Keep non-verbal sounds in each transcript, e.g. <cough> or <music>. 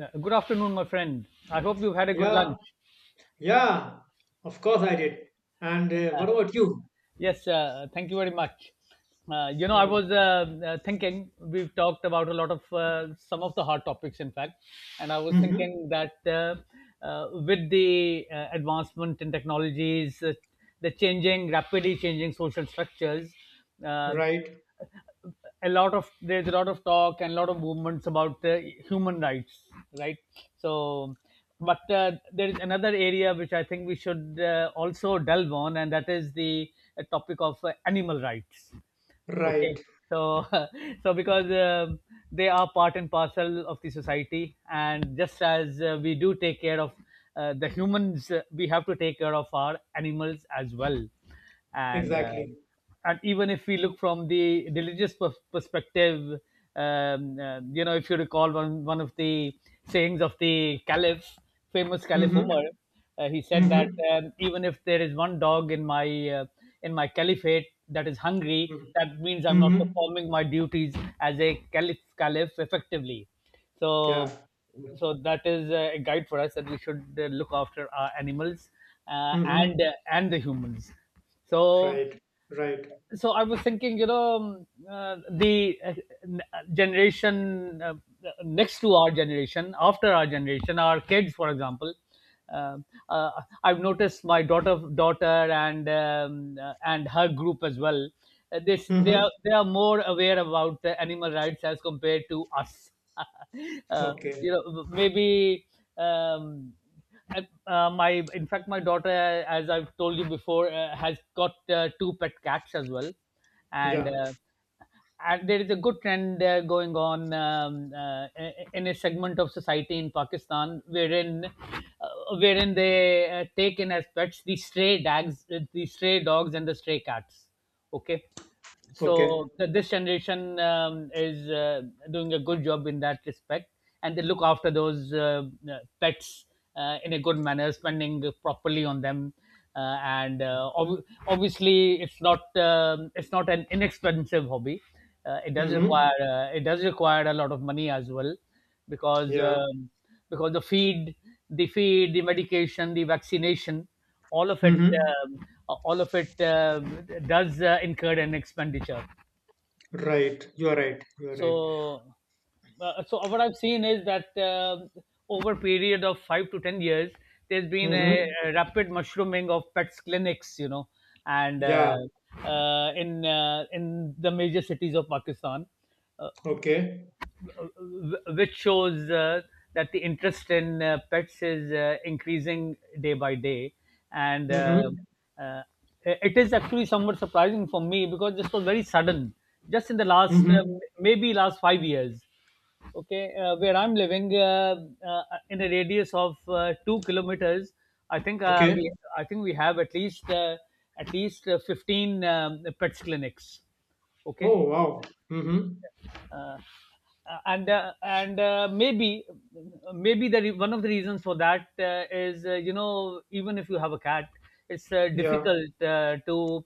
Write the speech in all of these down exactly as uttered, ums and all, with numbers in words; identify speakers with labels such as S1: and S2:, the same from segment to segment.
S1: Uh, Good afternoon, my friend. I hope you've had a good
S2: Yeah,
S1: lunch.
S2: yeah, of course I did. And uh, what about you?
S1: Yes, uh, thank you very much. Uh, you know, I
S2: Mm.
S1: was uh, uh, thinking we've talked about a lot of uh, some of the hard topics, in fact, and I was
S2: Hmm.
S1: thinking that uh, uh, with the uh, advancement in technologies, uh, the changing, rapidly changing social structures. Uh,
S2: Right,
S1: a lot of There's a lot of talk and a lot of movements about uh, human rights, right? So, but uh, there is another area which I think we should uh, also delve on, and that is the uh, topic of uh, animal rights. Okay,
S2: right,
S1: so <laughs> so because um they are part and parcel of the society, and just as uh, we do take care of uh, the humans. Uh, we have to take care of our animals as well, and
S2: exactly.
S1: um and even if we look from the religious pers- perspective. Um, uh, you know, if you recall one one of the sayings of the caliph, famous caliph
S2: Mm-hmm.
S1: Umar. Uh, he said
S2: Mm-hmm.
S1: that um, even if there is one dog in my uh, in my caliphate that is hungry,
S2: Mm-hmm.
S1: that means I'm not
S2: Mm-hmm.
S1: performing my duties as a caliph caliph effectively.
S2: Yeah.
S1: So so that is uh, a guide for us that we should uh, look after our animals uh, and
S2: Mm-hmm.
S1: uh, and the humans. So
S2: Right, right.
S1: so I was thinking, you know, um, uh, the uh, n- uh, generation uh, next to our generation, after our generation, our kids, for example. um uh, I've noticed my daughter, daughter, and um, uh, and her group as well. Uh, this they
S2: Mm-hmm.
S1: are they are more aware about uh, animal rights as compared to us. <laughs> uh, you
S2: Okay.
S1: know, maybe. Um, I- uh, my In fact, my daughter, uh, as I've told you before, uh, has got uh, two pet cats as well, and
S2: Yeah.
S1: uh, and there is a good trend uh, going on, um, uh, in a segment of society in Pakistan wherein uh, wherein they uh, take in as pets the stray dogs the stray dogs and the stray cats. Okay,
S2: Okay.
S1: so th- this generation um, is uh, doing a good job in that respect, and they look after those uh, uh, pets uh, in a good manner, spending properly on them. Uh, and uh, ob- obviously it's not um it's not an inexpensive hobby. Uh, it does
S2: Mm-hmm.
S1: require uh, it does require a lot of money as well, because
S2: Yeah.
S1: um, because the feed the feed, the medication, the vaccination, all of it
S2: Mm-hmm.
S1: um, all of it uh, does uh, incur an expenditure.
S2: Right. You are right. You are right.
S1: so uh, so what I've seen is that um over a period of five to ten years there's been a,
S2: Mm-hmm.
S1: a rapid mushrooming of pets clinics, you know, and uh,
S2: Yeah.
S1: uh, in uh, in the major cities of Pakistan. Uh,
S2: Okay.
S1: which shows uh, that the interest in uh, pets is uh, increasing day by day, and uh,
S2: Mm-hmm.
S1: uh, it is actually somewhat surprising for me, because this was very sudden, just in the last, uh,
S2: Mm-hmm.
S1: maybe last five years. Okay, uh, where I'm living, uh, uh, in a radius of uh, two kilometers, I think uh,
S2: Okay.
S1: we I think we have at least, uh, at least uh, fifteen um, pets clinics. Okay,
S2: Oh, wow. Mm-hmm.
S1: uh, uh, and uh, and uh, maybe maybe the re- one of the reasons for that uh, is, uh, you know even if you have a cat it's uh,
S2: Yeah.
S1: difficult uh, to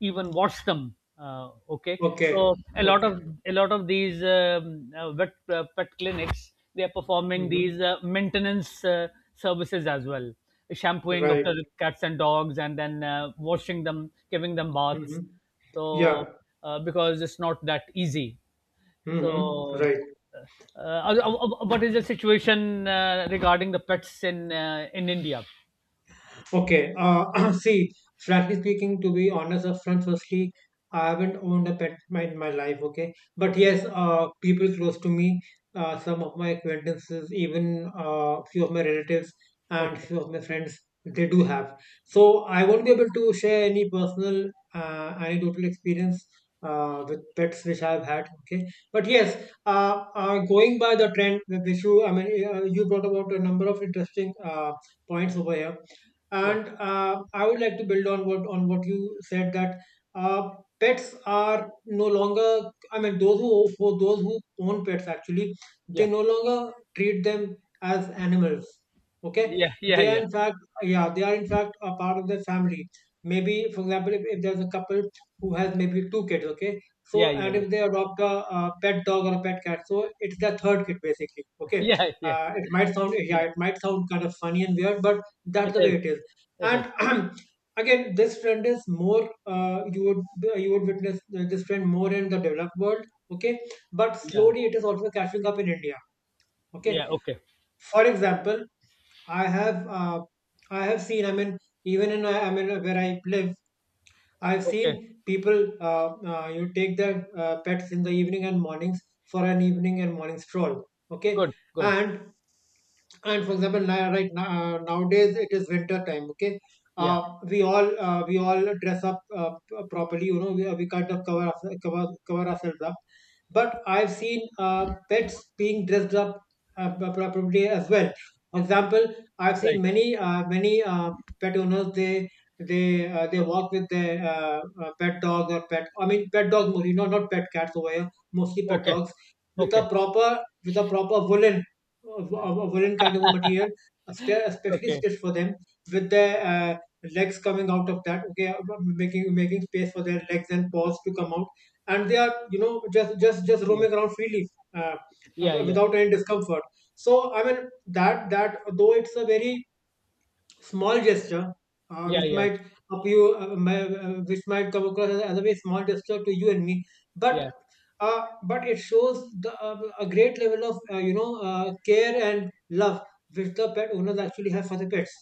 S1: even wash them, uh, okay.
S2: Okay.
S1: So a lot
S2: Okay.
S1: of a lot of these, um, uh, vet uh, pet clinics, they are performing
S2: Mm-hmm.
S1: these uh, maintenance uh, services as well, shampooing of the
S2: Right.
S1: cats and dogs and then uh, washing them, giving them baths.
S2: Hmm.
S1: So
S2: Yeah.
S1: uh, because it's not that easy.
S2: Hmm.
S1: so,
S2: Right.
S1: uh, uh, uh, uh,
S2: Okay.
S1: uh, what is the situation uh, regarding the pets in, uh, in India?
S2: Okay. Uh, <clears throat> see, frankly speaking, to be honest upfront, firstly, I haven't owned a pet my, in my life. Okay, but
S1: Okay.
S2: yes, uh, people close to me, uh, some of my acquaintances, even uh, few of my relatives and
S1: Okay.
S2: few of my friends, they do have. So I won't be able to share any personal uh, anecdotal experience. Uh, with pets which I've had, okay, but yes, uh, uh, going by the trend, which you, I mean, uh, you brought about a number of interesting uh, points over here,
S1: Yeah,
S2: and uh, I would like to build on what on what you said, that uh, pets are no longer. I mean, those who for those who own pets actually, they
S1: yeah,
S2: no longer treat them as animals. Okay,
S1: yeah, yeah,
S2: they are
S1: yeah,
S2: in fact, yeah, they are in fact a part of their family. Maybe, for example, if, if there's a couple who has maybe two kids, okay, so
S1: yeah, yeah,
S2: and
S1: yeah.
S2: if they adopt a, a pet dog or a pet cat, so it's their third kid basically.
S1: <laughs>
S2: Okay,
S1: Yeah, yeah,
S2: uh, it might sound yeah,
S1: yeah.
S2: it might sound kind of funny and weird, but that's
S1: It
S2: the way
S1: is.
S2: it is.
S1: It
S2: And
S1: is.
S2: <clears throat> again this trend is more, uh, you would you would witness this trend more in the developed world. Okay, but
S1: Yeah,
S2: slowly it is also catching up in India. Okay,
S1: yeah. Okay,
S2: for example, I have uh, I have seen, I mean, even in uh, i mean uh, where I live, I've seen
S1: okay.
S2: people uh, uh, you take their uh, pets in the evening and mornings, for an evening and morning stroll. Okay.
S1: Good, good.
S2: and and for example now, right now nowadays it is winter time. Okay,
S1: Yeah.
S2: uh, we all uh, we all dress up, uh, p- properly, you know, we, we kind of cover, ourse- cover cover ourselves up, but I've seen uh, pets being dressed up uh, pro- properly as well. For example, I've seen
S1: Right.
S2: many uh, many uh, pet owners, they they uh, they walk with their uh, uh, pet dogs or pet I mean pet dogs mostly, not not pet cats over here, mostly pet
S1: Okay,
S2: dogs, with
S1: okay,
S2: a proper with a proper woolen of, of, of woolen kind of a material, espe- especially
S1: okay.
S2: stitched for them, with their uh, legs coming out of that. Okay, uh, making making space for their legs and paws to come out, and they are, you know, just just just
S1: Yeah,
S2: roaming around freely. Uh, uh,
S1: yeah, yeah,
S2: without any discomfort. So I mean that that though it's a very small gesture, uh,
S1: yeah,
S2: which
S1: yeah,
S2: might appear, uh, ma- uh, which might come across as, as a very small gesture to you and me,
S1: yeah.
S2: but uh, but it shows the, uh, a great level of, uh, you know, uh, care and love which the pet owners actually have for the pets,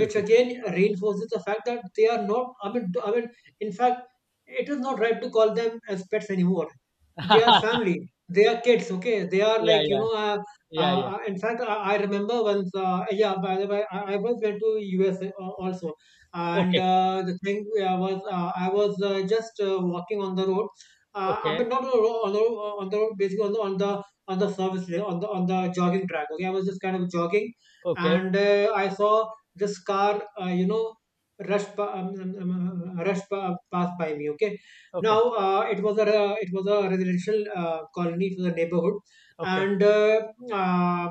S2: which again reinforces the fact that they are not, i mean i mean in fact it is not right to call them as pets anymore.
S1: <laughs>
S2: They are
S1: Yeah,
S2: family, they are kids. Okay, they are
S1: yeah,
S2: like, you know,
S1: yeah,
S2: uh, uh,
S1: yeah.
S2: uh, in fact, I, I remember once, uh, yeah, by the way, i, I once went to U S al- also. And
S1: Okay,
S2: uh, the thing uh, was uh, I was uh, just uh, walking on the road. uh, I mean,
S1: okay,
S2: not on the road on the road, on the road, basically on the on the on the service lane, on the on the jogging track. Okay, I was just kind of jogging,
S1: okay,
S2: and uh, I saw this car, uh, you know, rushed, um, um, um, um, uh, rushed passed by me. Okay. Now
S1: okay,
S2: uh, it was a uh, it was a residential uh, colony for the neighborhood.
S1: okay,
S2: And uh, uh,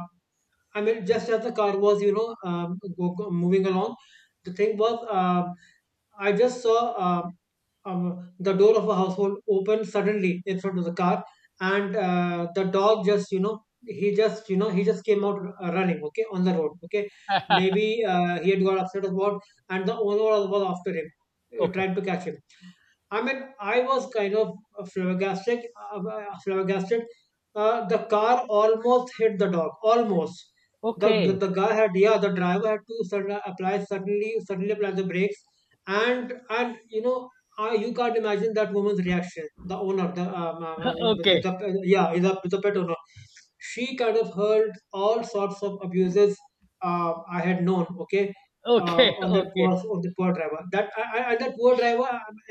S2: I mean, just as the car was, you know, um, go, go- moving along, the thing was, uh, I just saw, uh, um, the door of a household open suddenly in front of the car, and uh, the dog just, you know, he just, you know, he just came out, uh, running, okay, on the road, okay. Maybe uh, he had got upset about, and the owner was after him, uh,
S1: okay,
S2: tried to catch him. I mean, I was kind of flabbergasted. Uh, uh, flabbergasted. Uh, the car almost hit the dog. Almost. The
S1: okay, okay.
S2: the guy had yeah. The driver had to sudden, apply suddenly suddenly apply the brakes, and and you know. I, you can't imagine that woman's reaction. The owner, the, um, um, um,
S1: <laughs>
S2: the,
S1: Okay.
S2: the yeah, the, the pet owner, she kind of heard all sorts of abuses uh, I had known. Okay, uh,
S1: Okay.
S2: on that
S1: <laughs>
S2: poor
S1: Okay,
S2: on the poor driver. That I, I, and that poor driver,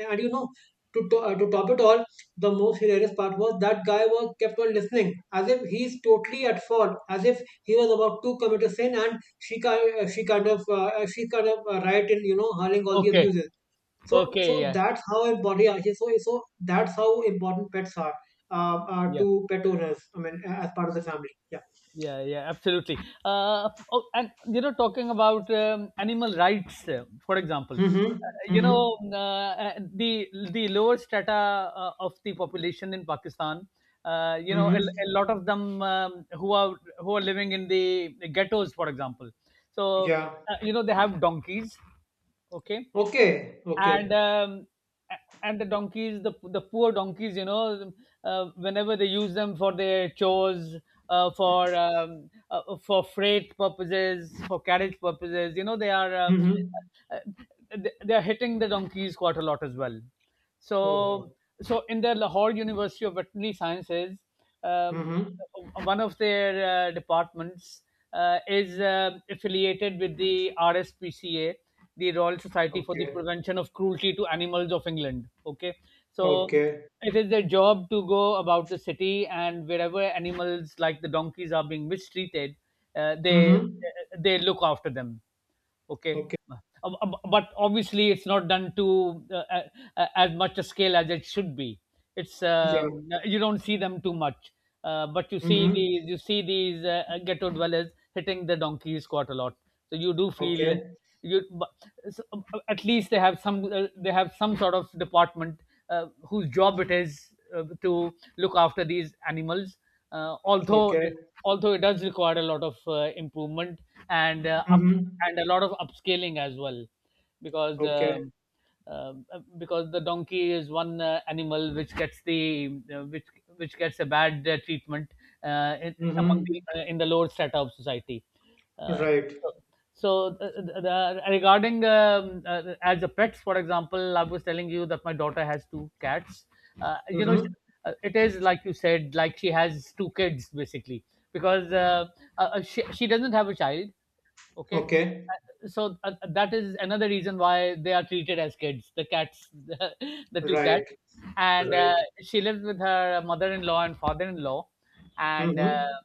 S2: and you know, to, to, uh, to top it all, the most hilarious part was that guy was kept on listening as if he's totally at fault, as if he was about to commit a sin, and she kind, uh, she kind of, uh, uh, she kind of, uh, right in, you know, hurling all the
S1: okay,
S2: abuses. So,
S1: okay.
S2: so
S1: Yeah,
S2: that's how important. Yeah, so, so that's how important pets are, uh, uh,
S1: yeah,
S2: to pet owners. I mean, a- as part of the family. Yeah.
S1: yeah, yeah. Absolutely. Uh oh, and you know, talking about um, animal rights, uh, for example, uh,
S2: Mm-hmm.
S1: you
S2: Mm-hmm.
S1: know um, uh, uh, the the lower strata uh, of the population in Pakistan. Uh, you know a, a
S2: Mm-hmm.
S1: lot of them, um, who are who are living in the ghettos, for example. So,
S2: Yeah.
S1: uh, you know they have donkeys, okay,
S2: Okay.
S1: and
S2: Okay.
S1: um, a- and the donkeys, the the poor donkeys, you know, uh, whenever they use them for their chores, uh, for um, uh, for freight purposes, for carriage purposes, you know, they are, uh,
S2: Mm-hmm.
S1: uh, they they are hitting the donkeys quite a lot as well.
S2: Oh.
S1: so
S2: Oh.
S1: so in the Lahore University of Veterinary Sciences, um,
S2: Mm-hmm.
S1: one of their uh, departments uh, is uh, affiliated with the R S P C A, the Royal Society for the
S2: Okay.
S1: Prevention of Cruelty to Animals of England. Okay, so
S2: Okay.
S1: it is their job to go about the city and wherever animals like the donkeys are being mistreated, uh, they
S2: Mm-hmm.
S1: they look after them, okay.
S2: Okay.
S1: Uh, bu- but obviously it's not done to, uh, a- a- as much a scale as it should be. It's
S2: Yeah.
S1: um, uh, You don't see them too much, uh, but you see
S2: Mm-hmm.
S1: these, you see these uh, uh, ghetto dwellers hitting the donkeys quite a lot, so you do feel,
S2: Okay.
S1: you but, so, um, uh, at least they have some, uh, they have some sort of department uh, whose job it is uh, to look after these animals, uh, although
S2: Okay.
S1: it, although it does require a lot of uh, improvement, and uh, up
S2: Mm-hmm.
S1: and a lot of upscaling as well, because
S2: Okay.
S1: um, um, uh, because the donkey is one uh, animal which gets the, uh, which which gets a bad uh, treatment, uh, in, among
S2: Mm-hmm.
S1: the uh, in the lower strata of society. uh,
S2: Right.
S1: so so uh, uh, the, the, Regarding, um, uh, as a pets for example, I was telling you that my daughter has two cats. uh, you know she,
S2: Mm-hmm.
S1: uh, it is like you said, like she has two kids basically, because uh, uh, uh, she, she doesn't have a child, okay.
S2: Okay.
S1: Uh, so uh, that is another reason why they are treated as kids, the cats, <laughs> the, the two
S2: Right.
S1: cats. And uh,
S2: Right.
S1: She lives with her mother-in-law and father-in-law, and
S2: Mm-hmm.
S1: uh,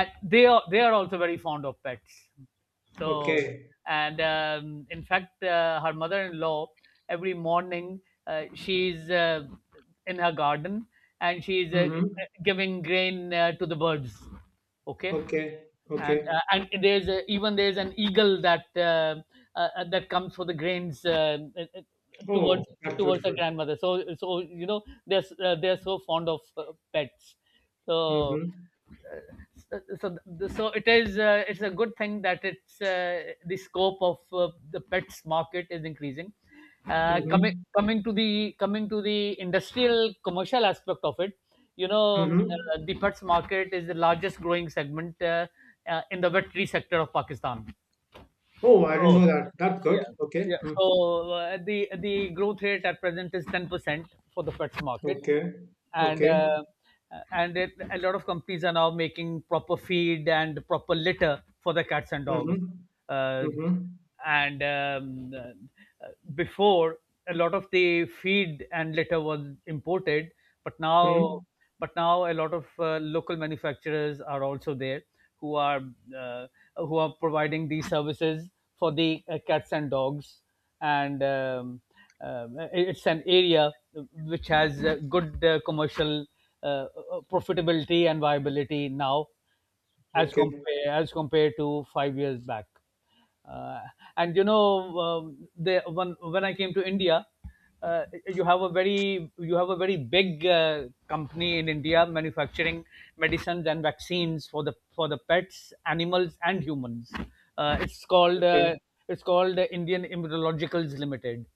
S1: and they are, they are also very fond of pets. So,
S2: Okay.
S1: and um, in fact, uh, her mother-in-law every morning, uh, she's, uh, in her garden, and she's uh,
S2: Mm-hmm.
S1: giving grain uh, to the birds. Okay,
S2: Okay.
S1: and
S2: Okay.
S1: uh, and there's a, even there's an eagle that uh, uh, uh, that comes for the grains uh, uh, uh,
S2: Oh,
S1: towards,
S2: that's
S1: towards her
S2: beautiful.
S1: grandmother. So, so, you know, they're s- uh, they're so fond of uh, pets. So
S2: Mm-hmm.
S1: so so so it is, uh, it's a good thing that, it's uh, the scope of uh, the pets market is increasing. Uh, coming
S2: Mm-hmm.
S1: coming to the coming to the industrial commercial aspect of it, you know, um,
S2: Mm-hmm.
S1: uh, the pets market is the largest growing segment uh, uh, in the veterinary sector of Pakistan.
S2: Oh, I didn't
S1: So
S2: know that. That's good.
S1: yeah,
S2: Okay.
S1: yeah.
S2: Mm.
S1: So uh, the the growth rate at present is ten percent for the pets market,
S2: Okay.
S1: and uh,
S2: Okay.
S1: and it, a lot of companies are now making proper feed and proper litter for the cats and dogs.
S2: Mm-hmm.
S1: Uh,
S2: Mm-hmm.
S1: and um, uh, Before, a lot of the feed and litter was imported, but now,
S2: Mm.
S1: but now a lot of uh, local manufacturers are also there who are, uh, who are providing these services for the uh, cats and dogs. And um, um, it's an area which has uh, good uh, commercial, uh, uh, profitability and viability now, as
S2: Okay.
S1: compare as compared to five years back. Uh, and you know, um, the, when when I came to India, uh, you have a very, you have a very big uh, company in India manufacturing medicines and vaccines for the, for the pets, animals, and humans. Uh, it's called
S2: Okay.
S1: uh, it's called the Indian Immunologicals Limited.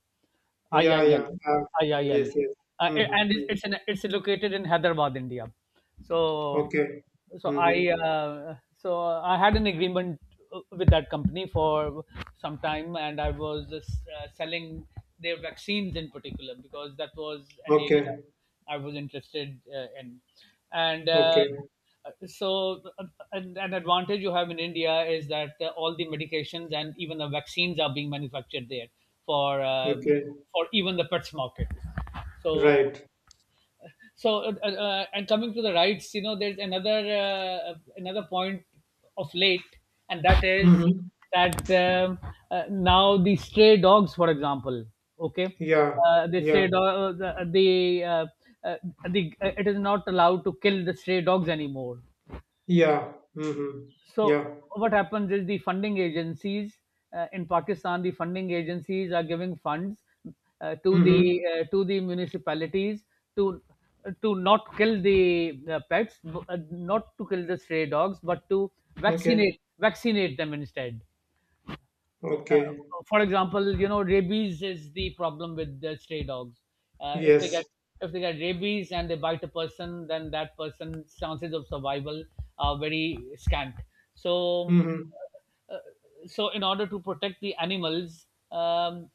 S2: Yeah,
S1: I I L,
S2: yeah. Uh, yes,
S1: I I L,
S2: yes.
S1: uh, a- and
S2: Mm-hmm.
S1: it's
S2: Mm.
S1: it's, in, it's located in Hyderabad, India. So,
S2: Okay.
S1: so I
S2: Mm-hmm.
S1: uh, so I had an agreement uh, with that company for some time, and I was uh, selling their vaccines in particular, because that was an area
S2: Okay,
S1: I was interested uh, in. And uh,
S2: okay,
S1: so, uh, an an advantage you have in India is that uh, all the medications and even the vaccines are being manufactured there for, uh,
S2: okay,
S1: for even the pets market. So
S2: right.
S1: so uh, uh, uh, and coming to the rights, you know, there's another uh, another point of late, and that is
S2: Mm-hmm.
S1: that um, uh, now the stray dogs, for example. Okay.
S2: Yeah,
S1: Uh, they
S2: yeah,
S1: say do- uh, the, the uh, uh, the uh, it is not allowed to kill the stray dogs anymore.
S2: yeah. Mm-hmm.
S1: So
S2: Yeah.
S1: what happens is, the funding agencies, uh, in Pakistan, the funding agencies are giving funds uh, to the,
S2: Mm-hmm.
S1: uh, to the municipalities to to not kill the uh, pets, uh, not to kill the stray dogs, but to
S2: Okay,
S1: vaccinate vaccinate them instead.
S2: okay.
S1: uh, for example, you know, rabies is the problem with the stray dogs. Uh, if they
S2: Yes.
S1: get if they get rabies and they bite a person, then that person's chances of survival are very scant. So,
S2: Mm-hmm.
S1: uh, so in order to protect the animals, um,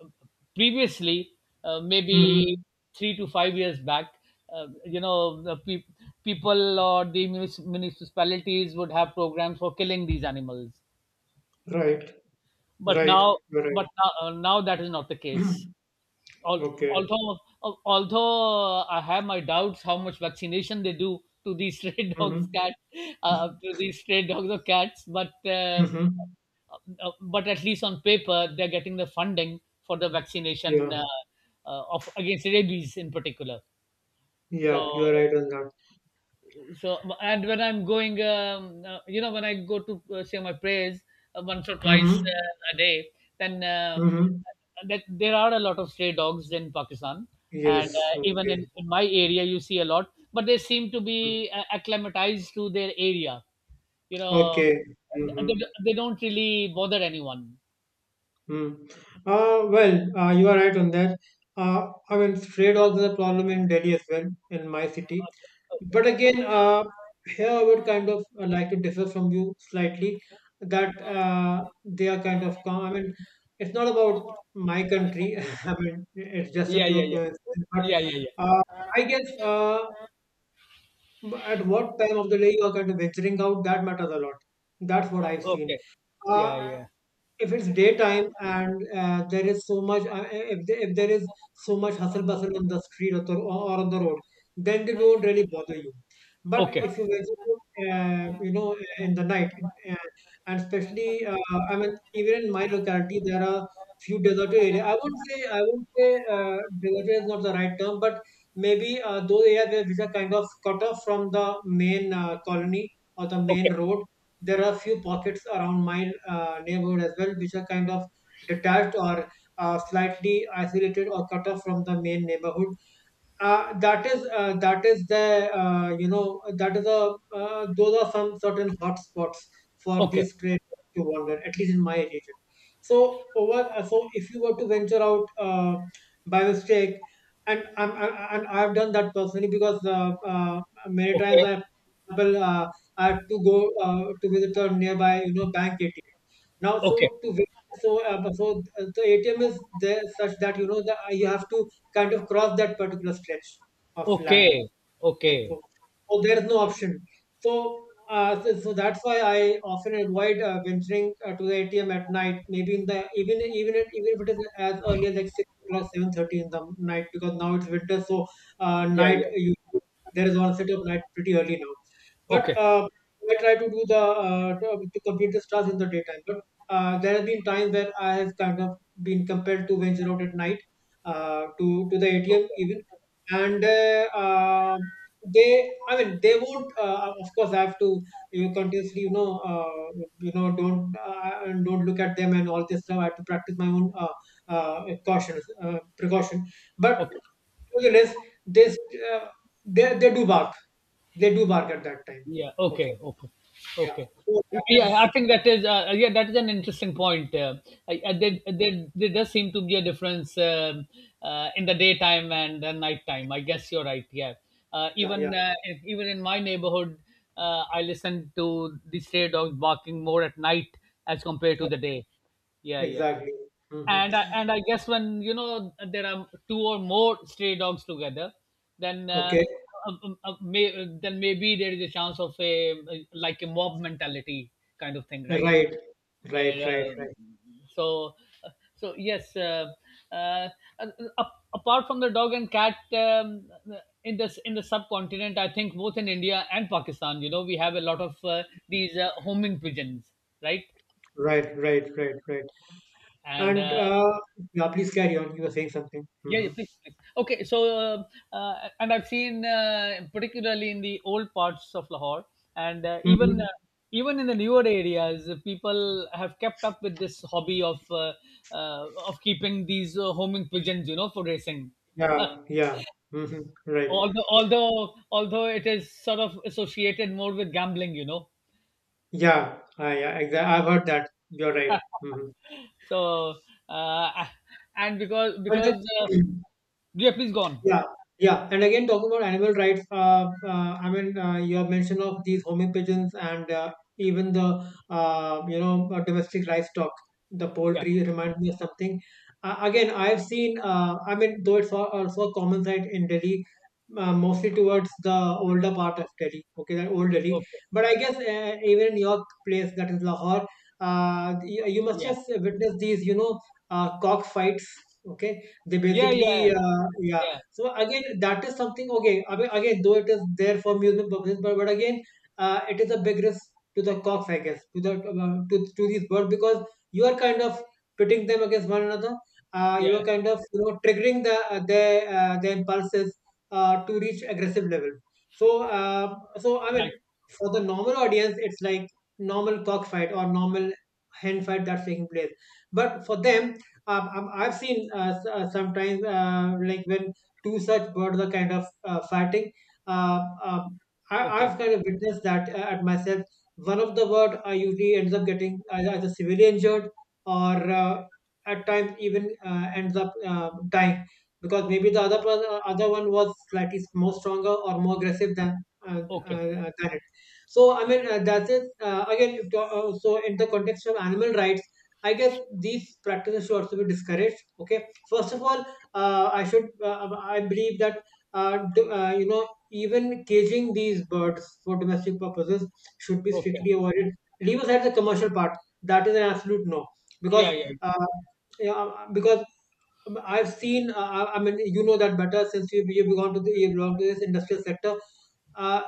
S1: previously, uh, maybe
S2: Mm-hmm.
S1: three to five years back, uh, you know, the pe- people or the munis- municipalities would have programs for killing these animals.
S2: Right,
S1: But
S2: right,
S1: now
S2: you're right.
S1: but now uh, now that is not the case.
S2: <clears throat>
S1: Al-
S2: Okay.
S1: Although al- although uh, I have my doubts how much vaccination they do to these <laughs> stray dogs,
S2: Mm-hmm.
S1: cat, uh, to these stray dogs or cats, but uh, uh,
S2: Mm-hmm.
S1: uh, but at least on paper they're getting the funding for the vaccination,
S2: Yeah,
S1: uh, uh, of against rabies in particular.
S2: yeah.
S1: So
S2: You are right on that.
S1: so and when I'm going um, uh, you know when I go to uh, say my prayers uh, once or twice
S2: Mm-hmm.
S1: uh, a day, then um,
S2: Mm-hmm.
S1: that there are a lot of stray dogs in Pakistan. And
S2: Yes.
S1: uh, even in,
S2: Okay.
S1: in my area you see a lot, but they seem to
S2: Mm.
S1: be uh, acclimatized to their area. You know,
S2: Okay.
S1: they,
S2: Mm-hmm.
S1: they don't really bother anyone.
S2: Mm. Uh, well, uh, you are right on that. Uh, I mean, trade also is a problem in Delhi as well, in my city. But again, uh, here I would kind of uh, like to differ from you slightly, that uh, they are kind of, com- I mean, it's not about my country. <laughs> I mean, it's just a
S1: Yeah,
S2: pure
S1: yeah,
S2: coincidence. But
S1: yeah, yeah, yeah,
S2: uh, I guess, uh, at what time of the day you are kind of venturing out, that matters a lot. That's what
S1: yeah,
S2: I've seen.
S1: okay, yeah,
S2: Uh,
S1: yeah.
S2: if it's daytime and uh, there is so much uh, if, the- if there is so much hustle bustle on the street, or, the, or on the road, then they don't really bother you. But
S1: Okay.
S2: if you visit uh, you know, in the night, uh, and especially, uh, I mean, even in my locality there are few deserted areas, i wouldn't say i wouldn't say uh, deserted is not the right term, but maybe uh, those areas where- which are kind of cut off from the main uh, colony or the
S1: Okay.
S2: main road. There are a few pockets around my uh, neighborhood as well, which are kind of detached or uh, slightly isolated or cut off from the main neighborhood. Uh, that is, uh, that is the, uh, you know, that is a, uh, those are some certain hotspots for
S1: Okay.
S2: these traders to wander, at least in my region. So over, uh, so if you were to venture out, uh, by mistake, and I'm, I, I- and I've done that personally, because uh, uh, many times I, for example, uh, I had to go, uh, to visit a nearby, you know, bank A T M. Now so
S1: Okay. Okay.
S2: to visit, so uh, so uh, the A T M is there such that, you know, that you have to kind of cross that particular stretch of land.
S1: Okay.
S2: Okay,
S1: Okay.
S2: so, so there's no option. So, uh, so, so that's why I often avoid, uh, venturing, uh, to the A T M at night. Maybe in the even even if- even if it is as early as like six o'clock, seven thirty in the night, because now it's winter, so, uh,
S1: Yeah.
S2: night uh,
S1: Yeah.
S2: you, there is one set of night pretty early now. But
S1: Okay.
S2: uh, I try to do the, uh, to, to complete this task in the daytime. But uh, there have been times where I have kind of been compelled to venture out at night, uh, to to the A T M
S1: Okay.
S2: even. And uh, um, they i mean they would, uh, of course, I have to, you know, continuously, you know uh, you know don't, uh, and don't look at them and all this stuff. I have to practice my own uh, uh, caution, uh, precaution, but
S1: Okay.
S2: nevertheless, this, uh, they, they do bark. They do bark at that time.
S1: Yeah.
S2: Okay.
S1: Okay. Okay.
S2: Yeah.
S1: Okay.
S2: So that
S1: Yeah,
S2: is,
S1: I think that is, uh, yeah that is an interesting point. Uh, I, I, there, there, there does seem to be a difference um uh, in the daytime and the nighttime. I guess you're right. Yeah, uh,
S2: yeah,
S1: even,
S2: yeah,
S1: uh, if- even in my neighborhood, uh, I listen to the stray dogs barking more at night as compared to the
S2: okay,
S1: day. Yeah, yeah,
S2: exactly. Hmm.
S1: and I, and I guess when you know there are two or more stray dogs together, then uh,
S2: Okay.
S1: uh, uh, may, then maybe there is a chance of a, like a mob mentality kind of thing, right?
S2: Right, right,
S1: Where
S2: right, right,
S1: uh, so so yes, uh, uh, ap- apart from the dog and cat, um, in this in the subcontinent, I think both in India and Pakistan, you know, we have a lot of uh, these uh, homing pigeons, right?
S2: right, right, right, right.
S1: And
S2: and
S1: uh,
S2: uh, yeah, please carry on, you were saying something.
S1: Yeah,
S2: Hmm.
S1: yeah, please, please. Okay, so, uh, uh, and I've seen, uh, particularly in the old parts of Lahore, and uh, even uh,
S2: Hmm.
S1: even in the newer areas, uh, people have kept up with this hobby of, uh, uh, of keeping these uh, homing pigeons, you know, for racing. Uh,
S2: Yeah, yeah. Hmm. Right.
S1: although although although it is sort of associated more with gambling. You know.
S2: Yeah, I, I, exa- I've heard that. You're right. Hmm.
S1: So uh, and because
S2: And that,
S1: because uh,
S2: <clears throat>
S1: Yeah, please go on.
S2: yeah, yeah. And again, talking about animal rights, uh, uh, I mean, uh, your mention of these homing pigeons, and uh, even the, uh, you know uh, domestic livestock, the
S1: Yeah.
S2: poultry, reminds me of something. Uh, again, I've seen. Uh, I mean, though it's al- also a common sight in Delhi. Uh, mostly towards the older part of Delhi, okay, that old Delhi.
S1: Okay.
S2: But I guess, uh, even in your place, that is Lahore, uh, you, you must
S1: Yeah.
S2: have witnessed these, you know, uh, cock fights, okay? They
S1: Yeah.
S2: basically,
S1: Yeah.
S2: uh, yeah,
S1: Yeah.
S2: so again, that is something. Okay, I mean, again, though it is there for amusement purposes, but, but again, uh, it is a big risk to the cocks, I guess, to the, uh, to to these birds, because you are kind of pitting them against one another. Uh, you are
S1: Yeah.
S2: kind of, you know, triggering the, uh, their uh, their impulses, uh, to reach aggressive levels. So uh, so I mean,
S1: Right.
S2: for the normal audience, it's like normal cockfight or normal hen fight that's taking place. But for them, um, um, I've seen, uh, s- uh, sometimes, uh, like when to such bird the kind of, uh, fighting. Uh, um, I,
S1: Okay.
S2: I've kind of witnessed that uh, at myself. One of the bird uh, usually ends up getting either, either severely injured, or uh, at times even uh, ends up uh, dying, because maybe the other per- uh, other one was slightly s- more stronger or more aggressive than, uh, uh,
S1: Okay.
S2: uh, than it. So I mean uh, that's it. Uh, again, if to- uh, So in the context of animal rights, I guess these practices should also be discouraged. Okay, first of all, uh, I should uh, um, I believe that, uh, d- uh, you know, even caging these birds for domestic purposes should be
S1: Okay.
S2: strictly avoided. Leave aside the commercial part; that is an absolute no, because
S1: Yeah. Yeah.
S2: uh, yeah, uh, because, um, I've seen, uh, I I mean, you know that better since you, have you have gone to the, you belong to this industrial sector. Uh,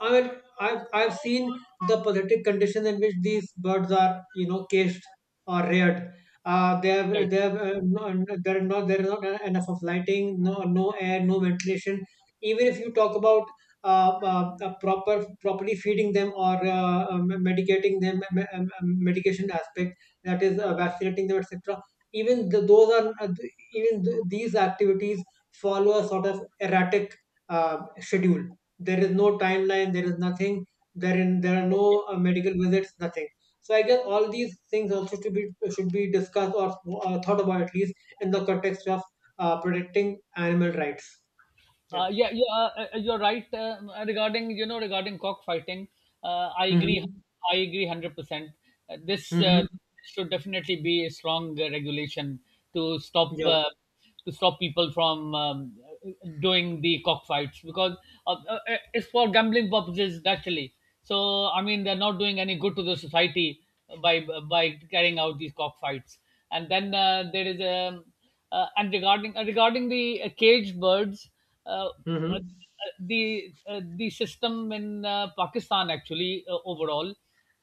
S2: I mean, I've, I've seen the politic conditions in which these birds are, you know, caged or reared. Uh, they
S1: Right.
S2: have, they have, uh, no, no- There are not, there is not enough of lighting, no, no air, no ventilation. Even if you talk about, uh, uh, uh, proper, properly feeding them, or uh, um, medicating them, um, um, medication aspect, that is, uh, vaccinating them, et cetera. Even the, those are uh, even th- These activities follow a sort of erratic uh, schedule. There is no timeline, there is nothing, there, in, there are
S1: Okay.
S2: no uh, medical visits, nothing. So I guess all these things also should be should be discussed, or uh, thought about, at least in the context of uh, protecting animal rights. Yeah.
S1: Uh, yeah, yeah, uh, uh, uh, you're right, uh, regarding you know regarding cockfighting. Uh, I agree.
S2: Mm-hmm.
S1: I agree hundred percent. uh, This uh,
S2: Mm-hmm.
S1: should definitely be a strong uh, regulation to stop,
S2: Yeah.
S1: uh, to stop people from um, doing the cockfights, because, uh, uh, uh, it's for gambling purposes naturally. So I mean, they're not doing any good to the society by by carrying out these cockfights. And then uh, there is a uh, and regarding, uh, regarding the uh, caged birds, uh, uh,
S2: Mm-hmm.
S1: the uh, the system in uh, Pakistan, actually, uh, overall,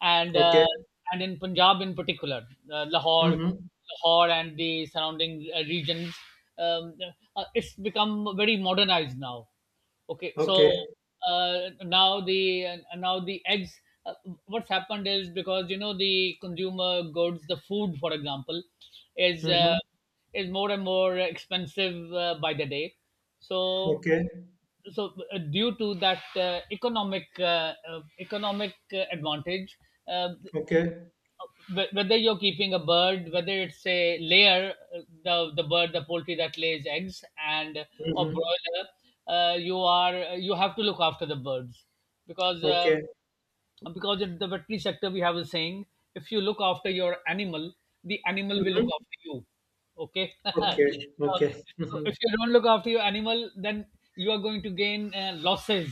S1: and uh,
S2: Okay.
S1: and in Punjab in particular, uh, Lahore,
S2: Mm-hmm.
S1: Lahore and the surrounding uh, regions, um, uh, it's become very modernized now. Okay, so,
S2: Okay.
S1: uh, now the uh, now the eggs. Uh, what's happened is, because, you know, the consumer goods, the food, for example, is uh,
S2: Mm-hmm.
S1: is more and more expensive uh, by the day. So
S2: Okay.
S1: so uh, due to that, uh, economic uh, uh, economic uh, advantage, uh,
S2: Okay.
S1: Wh- whether you're keeping a bird, whether it's a layer, uh, the the bird, the poultry that lays eggs, and or
S2: Mm-hmm.
S1: broiler, uh, you are you have to look after the birds, because, uh,
S2: Okay.
S1: because in the veterinary sector we have a saying: if you look after your animal, the animal will look
S2: Mm-hmm.
S1: after you. Okay. <laughs>
S2: Okay.
S1: So,
S2: Okay.
S1: if, you,
S2: Mm-hmm.
S1: if you don't look after your animal, then you are going to gain uh, losses,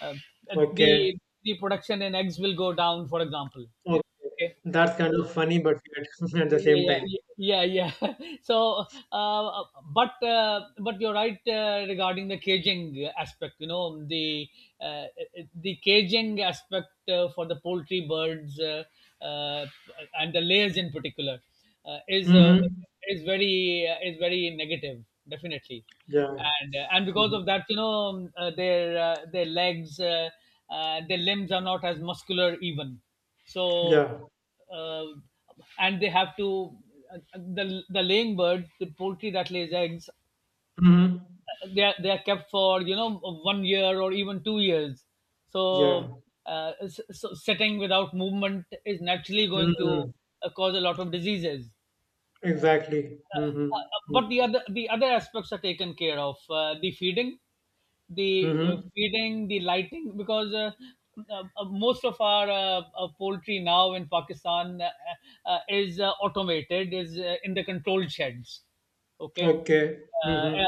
S1: uh,
S2: Okay.
S1: the the production in eggs will go down, for example.
S2: Okay.
S1: Okay.
S2: That's
S1: So,
S2: kind of funny, but weird <laughs> at the same
S1: yeah,
S2: time.
S1: yeah, yeah, yeah. <laughs> so uh, but uh, but you're right, uh, regarding the caging aspect, you know, the uh, the caging aspect uh, for the poultry birds, uh, uh, and the layers in particular, uh, is uh,
S2: Mm-hmm.
S1: is very uh, is very negative, definitely.
S2: Yeah.
S1: And uh, and because
S2: Mm-hmm.
S1: of that, you know, uh, their uh, their legs, uh, uh, their limbs are not as muscular even. so
S2: Yeah.
S1: uh, and they have to, uh, the the laying birds, the poultry that lays eggs,
S2: Mm-hmm.
S1: they are, they are kept for, you know, one year or even two years. So,
S2: Yeah.
S1: uh, s- so sitting without movement is naturally going to
S2: Mm-hmm.
S1: uh, cause a lot of diseases.
S2: Exactly. Mm-hmm.
S1: But the other the other aspects are taken care of: uh, the feeding, the uh,
S2: Mm-hmm.
S1: feeding the lighting, because uh, uh, uh, most of our uh, uh, poultry now in Pakistan uh, uh, is uh, automated, is uh, in the controlled sheds. Okay.
S2: Okay.
S1: Uh, yeah,
S2: Mm-hmm.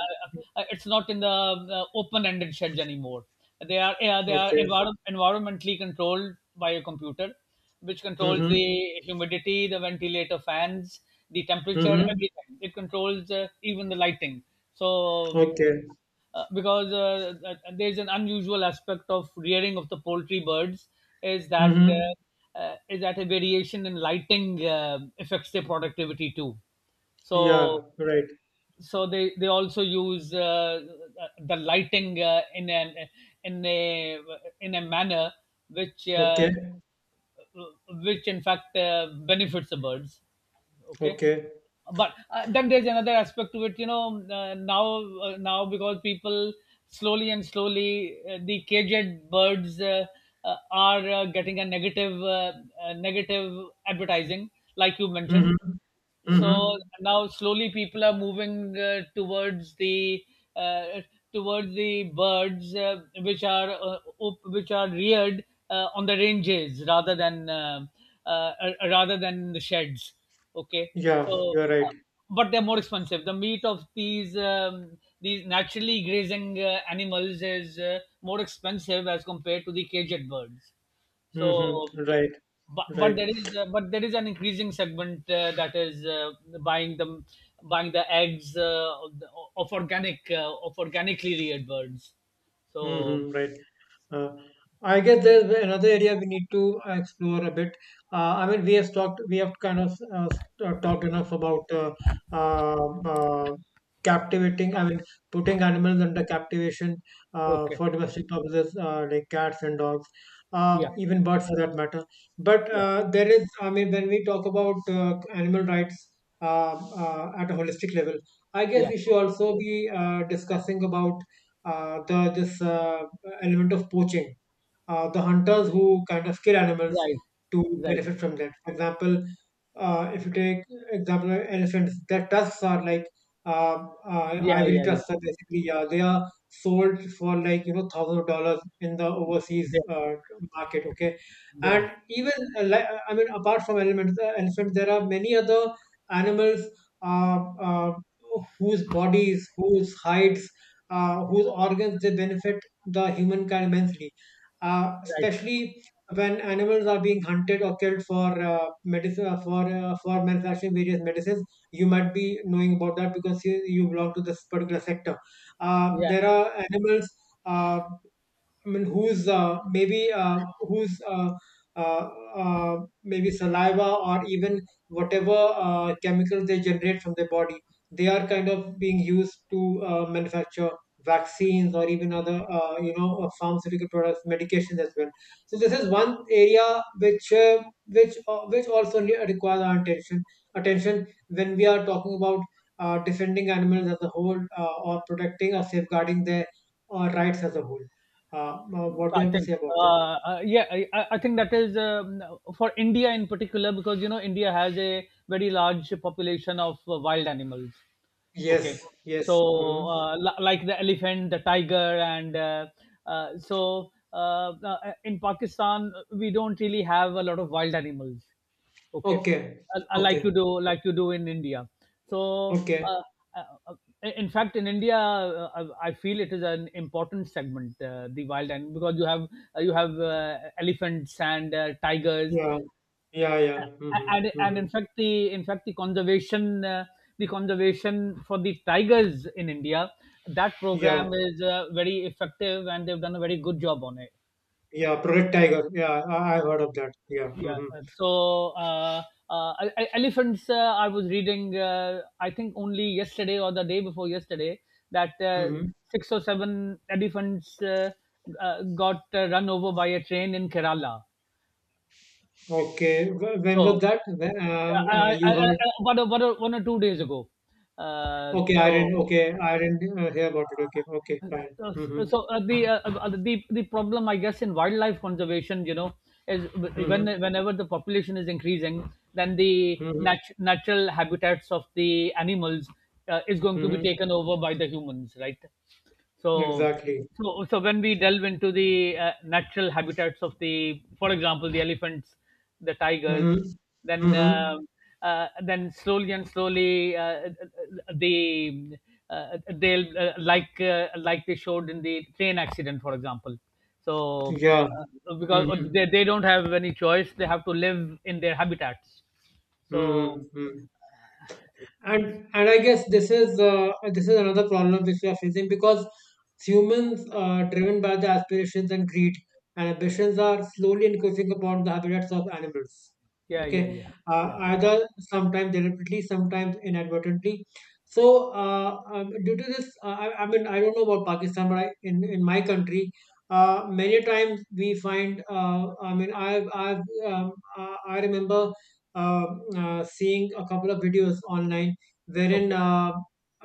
S1: uh, uh, it's not in the uh, open-ended sheds anymore. They are yeah, they are
S2: Okay.
S1: envir- environmentally controlled by a computer, which controls the
S2: Mm-hmm.
S1: humidity, the ventilator fans, the temperature,
S2: Mm-hmm.
S1: everything. It controls uh, even the lighting. so
S2: Okay.
S1: uh, because, uh, uh, there's an unusual aspect of rearing of the poultry birds, is that
S2: Mm-hmm.
S1: uh, uh, is that a variation in lighting uh, affects their productivity too. so
S2: Yeah. Right.
S1: so they they also use uh, the lighting uh, in an in a in a manner which, uh,
S2: Okay.
S1: which in fact uh, benefits the birds. Okay.
S2: Okay.
S1: But uh, then there's another aspect to it, you know, uh, now uh, now because people slowly and slowly, uh, the caged birds, uh, uh, are uh, getting a negative uh, uh, negative advertising, like you mentioned.
S2: Mm-hmm.
S1: So,
S2: Mm-hmm.
S1: now slowly people are moving uh, towards the, uh, towards the birds uh, which are, uh, op- which are reared uh, on the ranges rather than, uh, uh, uh, rather than the sheds. Okay.
S2: Yeah.
S1: so
S2: You're right.
S1: uh, but they're more expensive. The meat of these, um, these naturally grazing uh, animals is uh, more expensive as compared to the caged birds. So,
S2: Mm-hmm. Right.
S1: but but
S2: Right.
S1: there is uh, but there is an increasing segment uh, that is uh, buying the buying the eggs, uh, of the- of organic uh, of organically reared birds. So.
S2: Mhm, right. Uh, I guess there's another area we need to uh, explore a bit. Uh, I mean, we have talked, we have kind of, uh, s- uh, talked enough about, uh, uh, uh, captivating. I mean, putting animals under captivation, uh,
S1: Okay.
S2: for domestic purposes, uh, like cats and dogs, uh,
S1: Yeah.
S2: even birds for that matter. But
S1: Yeah.
S2: uh, there is, I mean, when we talk about uh, animal rights, uh, uh, at a holistic level, I guess
S1: Yeah.
S2: we should also be uh, discussing about uh, the this uh, element of poaching. Uh, the hunters who kind of kill animals
S1: Right.
S2: to
S1: Right.
S2: benefit from that. For example, uh, if you take example of elephants, their tusks are like, uh, uh,
S1: Yeah.
S2: ivory
S1: Yeah.
S2: tusks
S1: Yeah.
S2: are basically, uh, they are sold for, like, you know, thousands of dollars in the overseas
S1: They,
S2: uh, market. Okay,
S1: they are.
S2: and even, uh, li- I mean apart from elements, uh, elephants, there are many other animals, uh, uh, whose bodies, whose hides, uh, whose organs, they benefit the humankind immensely, uh,
S1: Right.
S2: especially when animals are being hunted or killed for uh, medicine, uh, for uh, for manufacturing various medicines. You might be knowing about that, because you, you belong to this particular sector. Uh,
S1: Yeah.
S2: there are animals. Uh, I mean, whose, uh, maybe uh, whose uh, uh, uh, maybe saliva, or even whatever uh, chemicals they generate from their body, they are kind of being used to uh, manufacture vaccines, or even other, uh, you know uh, pharmaceutical products, medications as well. So this is one area which uh, which uh, which also ne- requires our attention attention when we are talking about uh, defending animals as a whole, uh, or protecting or safeguarding their uh, rights as a whole. Uh, now, what do you
S1: I
S2: have to
S1: think
S2: say about
S1: uh,
S2: this?
S1: uh, yeah, I, I I think that is, um, for India in particular, because, you know, India has a very large population of uh, wild animals.
S2: Yes,
S1: Okay. So,
S2: yes. Mm-hmm.
S1: uh, li- like the elephant, the tiger, and, uh, uh, so uh, uh, in Pakistan, we don't really have a lot of wild animals. Okay,
S2: Okay,
S1: Uh, uh, like you
S2: okay,
S1: do, like you do in India. So,
S2: okay.
S1: uh, uh, uh, in fact, in India, uh, I I feel it is an important segment, uh, the wild animal, because you have uh, you have uh, elephants and uh, tigers,
S2: Yeah, yeah, yeah. Mm-hmm.
S1: and and
S2: Mm-hmm.
S1: in fact the in fact the conservation, uh, the conservation for the tigers in India, that
S2: Yeah,
S1: program is uh, very effective, and they've done a very good job on it.
S2: yeah. Project Tiger. Yeah, I, I heard of that. Yeah.
S1: Yeah.
S2: Mm-hmm.
S1: uh, So, uh, uh, e- e- elephants. Uh, I was reading, Uh, I think, only yesterday or the day before yesterday, that uh,
S2: Mm-hmm.
S1: six or seven elephants uh, uh, got uh, run over by a train in Kerala.
S2: Okay. wh- When was
S1: So,
S2: that? When,
S1: uh,
S2: uh,
S1: I,
S2: uh,
S1: I, I,
S2: you heard?
S1: I- one, or, one, or, one or two days ago. Uh,
S2: Okay, I
S1: so
S2: didn't. Okay, I didn't uh, hear about it. Okay, okay, fine.
S1: Uh,
S2: Mm-hmm.
S1: so uh, the uh, uh, the the problem, I guess, in wildlife conservation, you know, is when
S2: Mm-hmm.
S1: whenever the population is increasing, then the
S2: Mm-hmm.
S1: nat- natural habitats of the animals uh, is going to be
S2: Mm-hmm.
S1: taken over by the humans, right? so
S2: Exactly.
S1: so so when we delve into the uh, natural habitats of the, for example, the elephants, the tigers,
S2: Mm-hmm.
S1: then,
S2: Mm-hmm.
S1: um, uh, then slowly and slowly, uh, they uh, they'll, uh, like uh, like they showed in the train accident, for example. So,
S2: Yeah.
S1: uh, because
S2: Mm-hmm.
S1: they, they don't have any choice, they have to live in their habitats. So,
S2: Mm-hmm. Mm-hmm. and and I guess this is, uh, this is another problem which we are facing, because humans, uh, driven by the aspirations and greed and ambitions, are slowly increasing upon the habitats of animals.
S1: yeah,
S2: Okay.
S1: yeah, yeah,
S2: Uh,
S1: yeah.
S2: either sometimes deliberately, sometimes inadvertently. So, uh, um, due to this, uh, I, I mean, I don't know about Pakistan, but I, in in my country, uh, many times we find, uh, i mean i've i've um, i I remember, uh, uh, seeing a couple of videos online wherein,
S1: Okay.
S2: uh,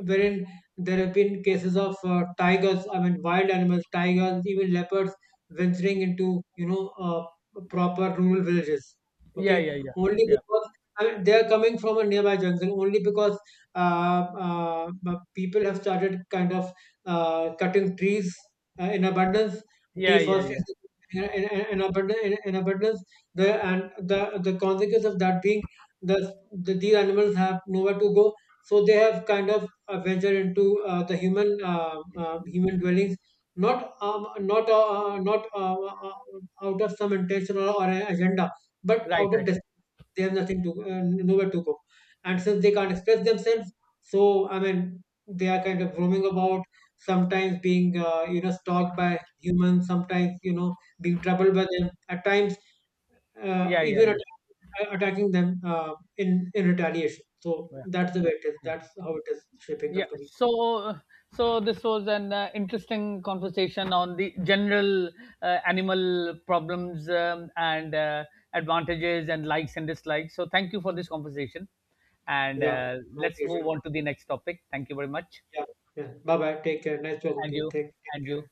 S2: wherein there have been cases of uh, tigers, I mean wild animals, tigers, even leopards, venturing into, you know, uh, proper rural villages.
S1: Yeah, yeah,
S2: Okay,
S1: yeah,
S2: only
S1: yeah,
S2: because, I mean, they are coming from a nearby jungle. Only because uh, uh, the people have started kind of uh, cutting trees uh, in abundance,
S1: yeah, yeah, yeah.
S2: deforestation in, in, in abundance, in, in abundance. The and the The consequence of that being the, the these animals have nowhere to go, so they have kind of uh, ventured into uh, the human, uh, uh, human dwellings, not um, not uh, uh, not uh, uh, uh, out of some intention, or, or an agenda, but
S1: Right,
S2: out of
S1: right.
S2: desperation. They have nothing to, uh, nowhere to go, and since they can't express themselves, so I mean, they are kind of roaming about, sometimes being, uh, you know, stalked by humans, sometimes, you know, being troubled by them at times, uh,
S1: Yeah, yeah,
S2: even
S1: yeah,
S2: attack, attacking them uh, in in retaliation. So
S1: yeah.
S2: that's the way it is.
S1: Yeah.
S2: That's how it is shaping
S1: Yeah.
S2: up to be.
S1: So so this was an uh, interesting conversation on the general uh, animal problems, um, and uh, advantages and likes and dislikes. So thank you for this conversation, and
S2: Yeah.
S1: uh, let's
S2: Okay.
S1: move
S2: Sure.
S1: on to the next topic. Thank you very much.
S2: Yeah. Yeah. Bye bye. Take care. Nice talking
S1: And
S2: to you.
S1: you.
S2: Take, take
S1: And you.
S2: care.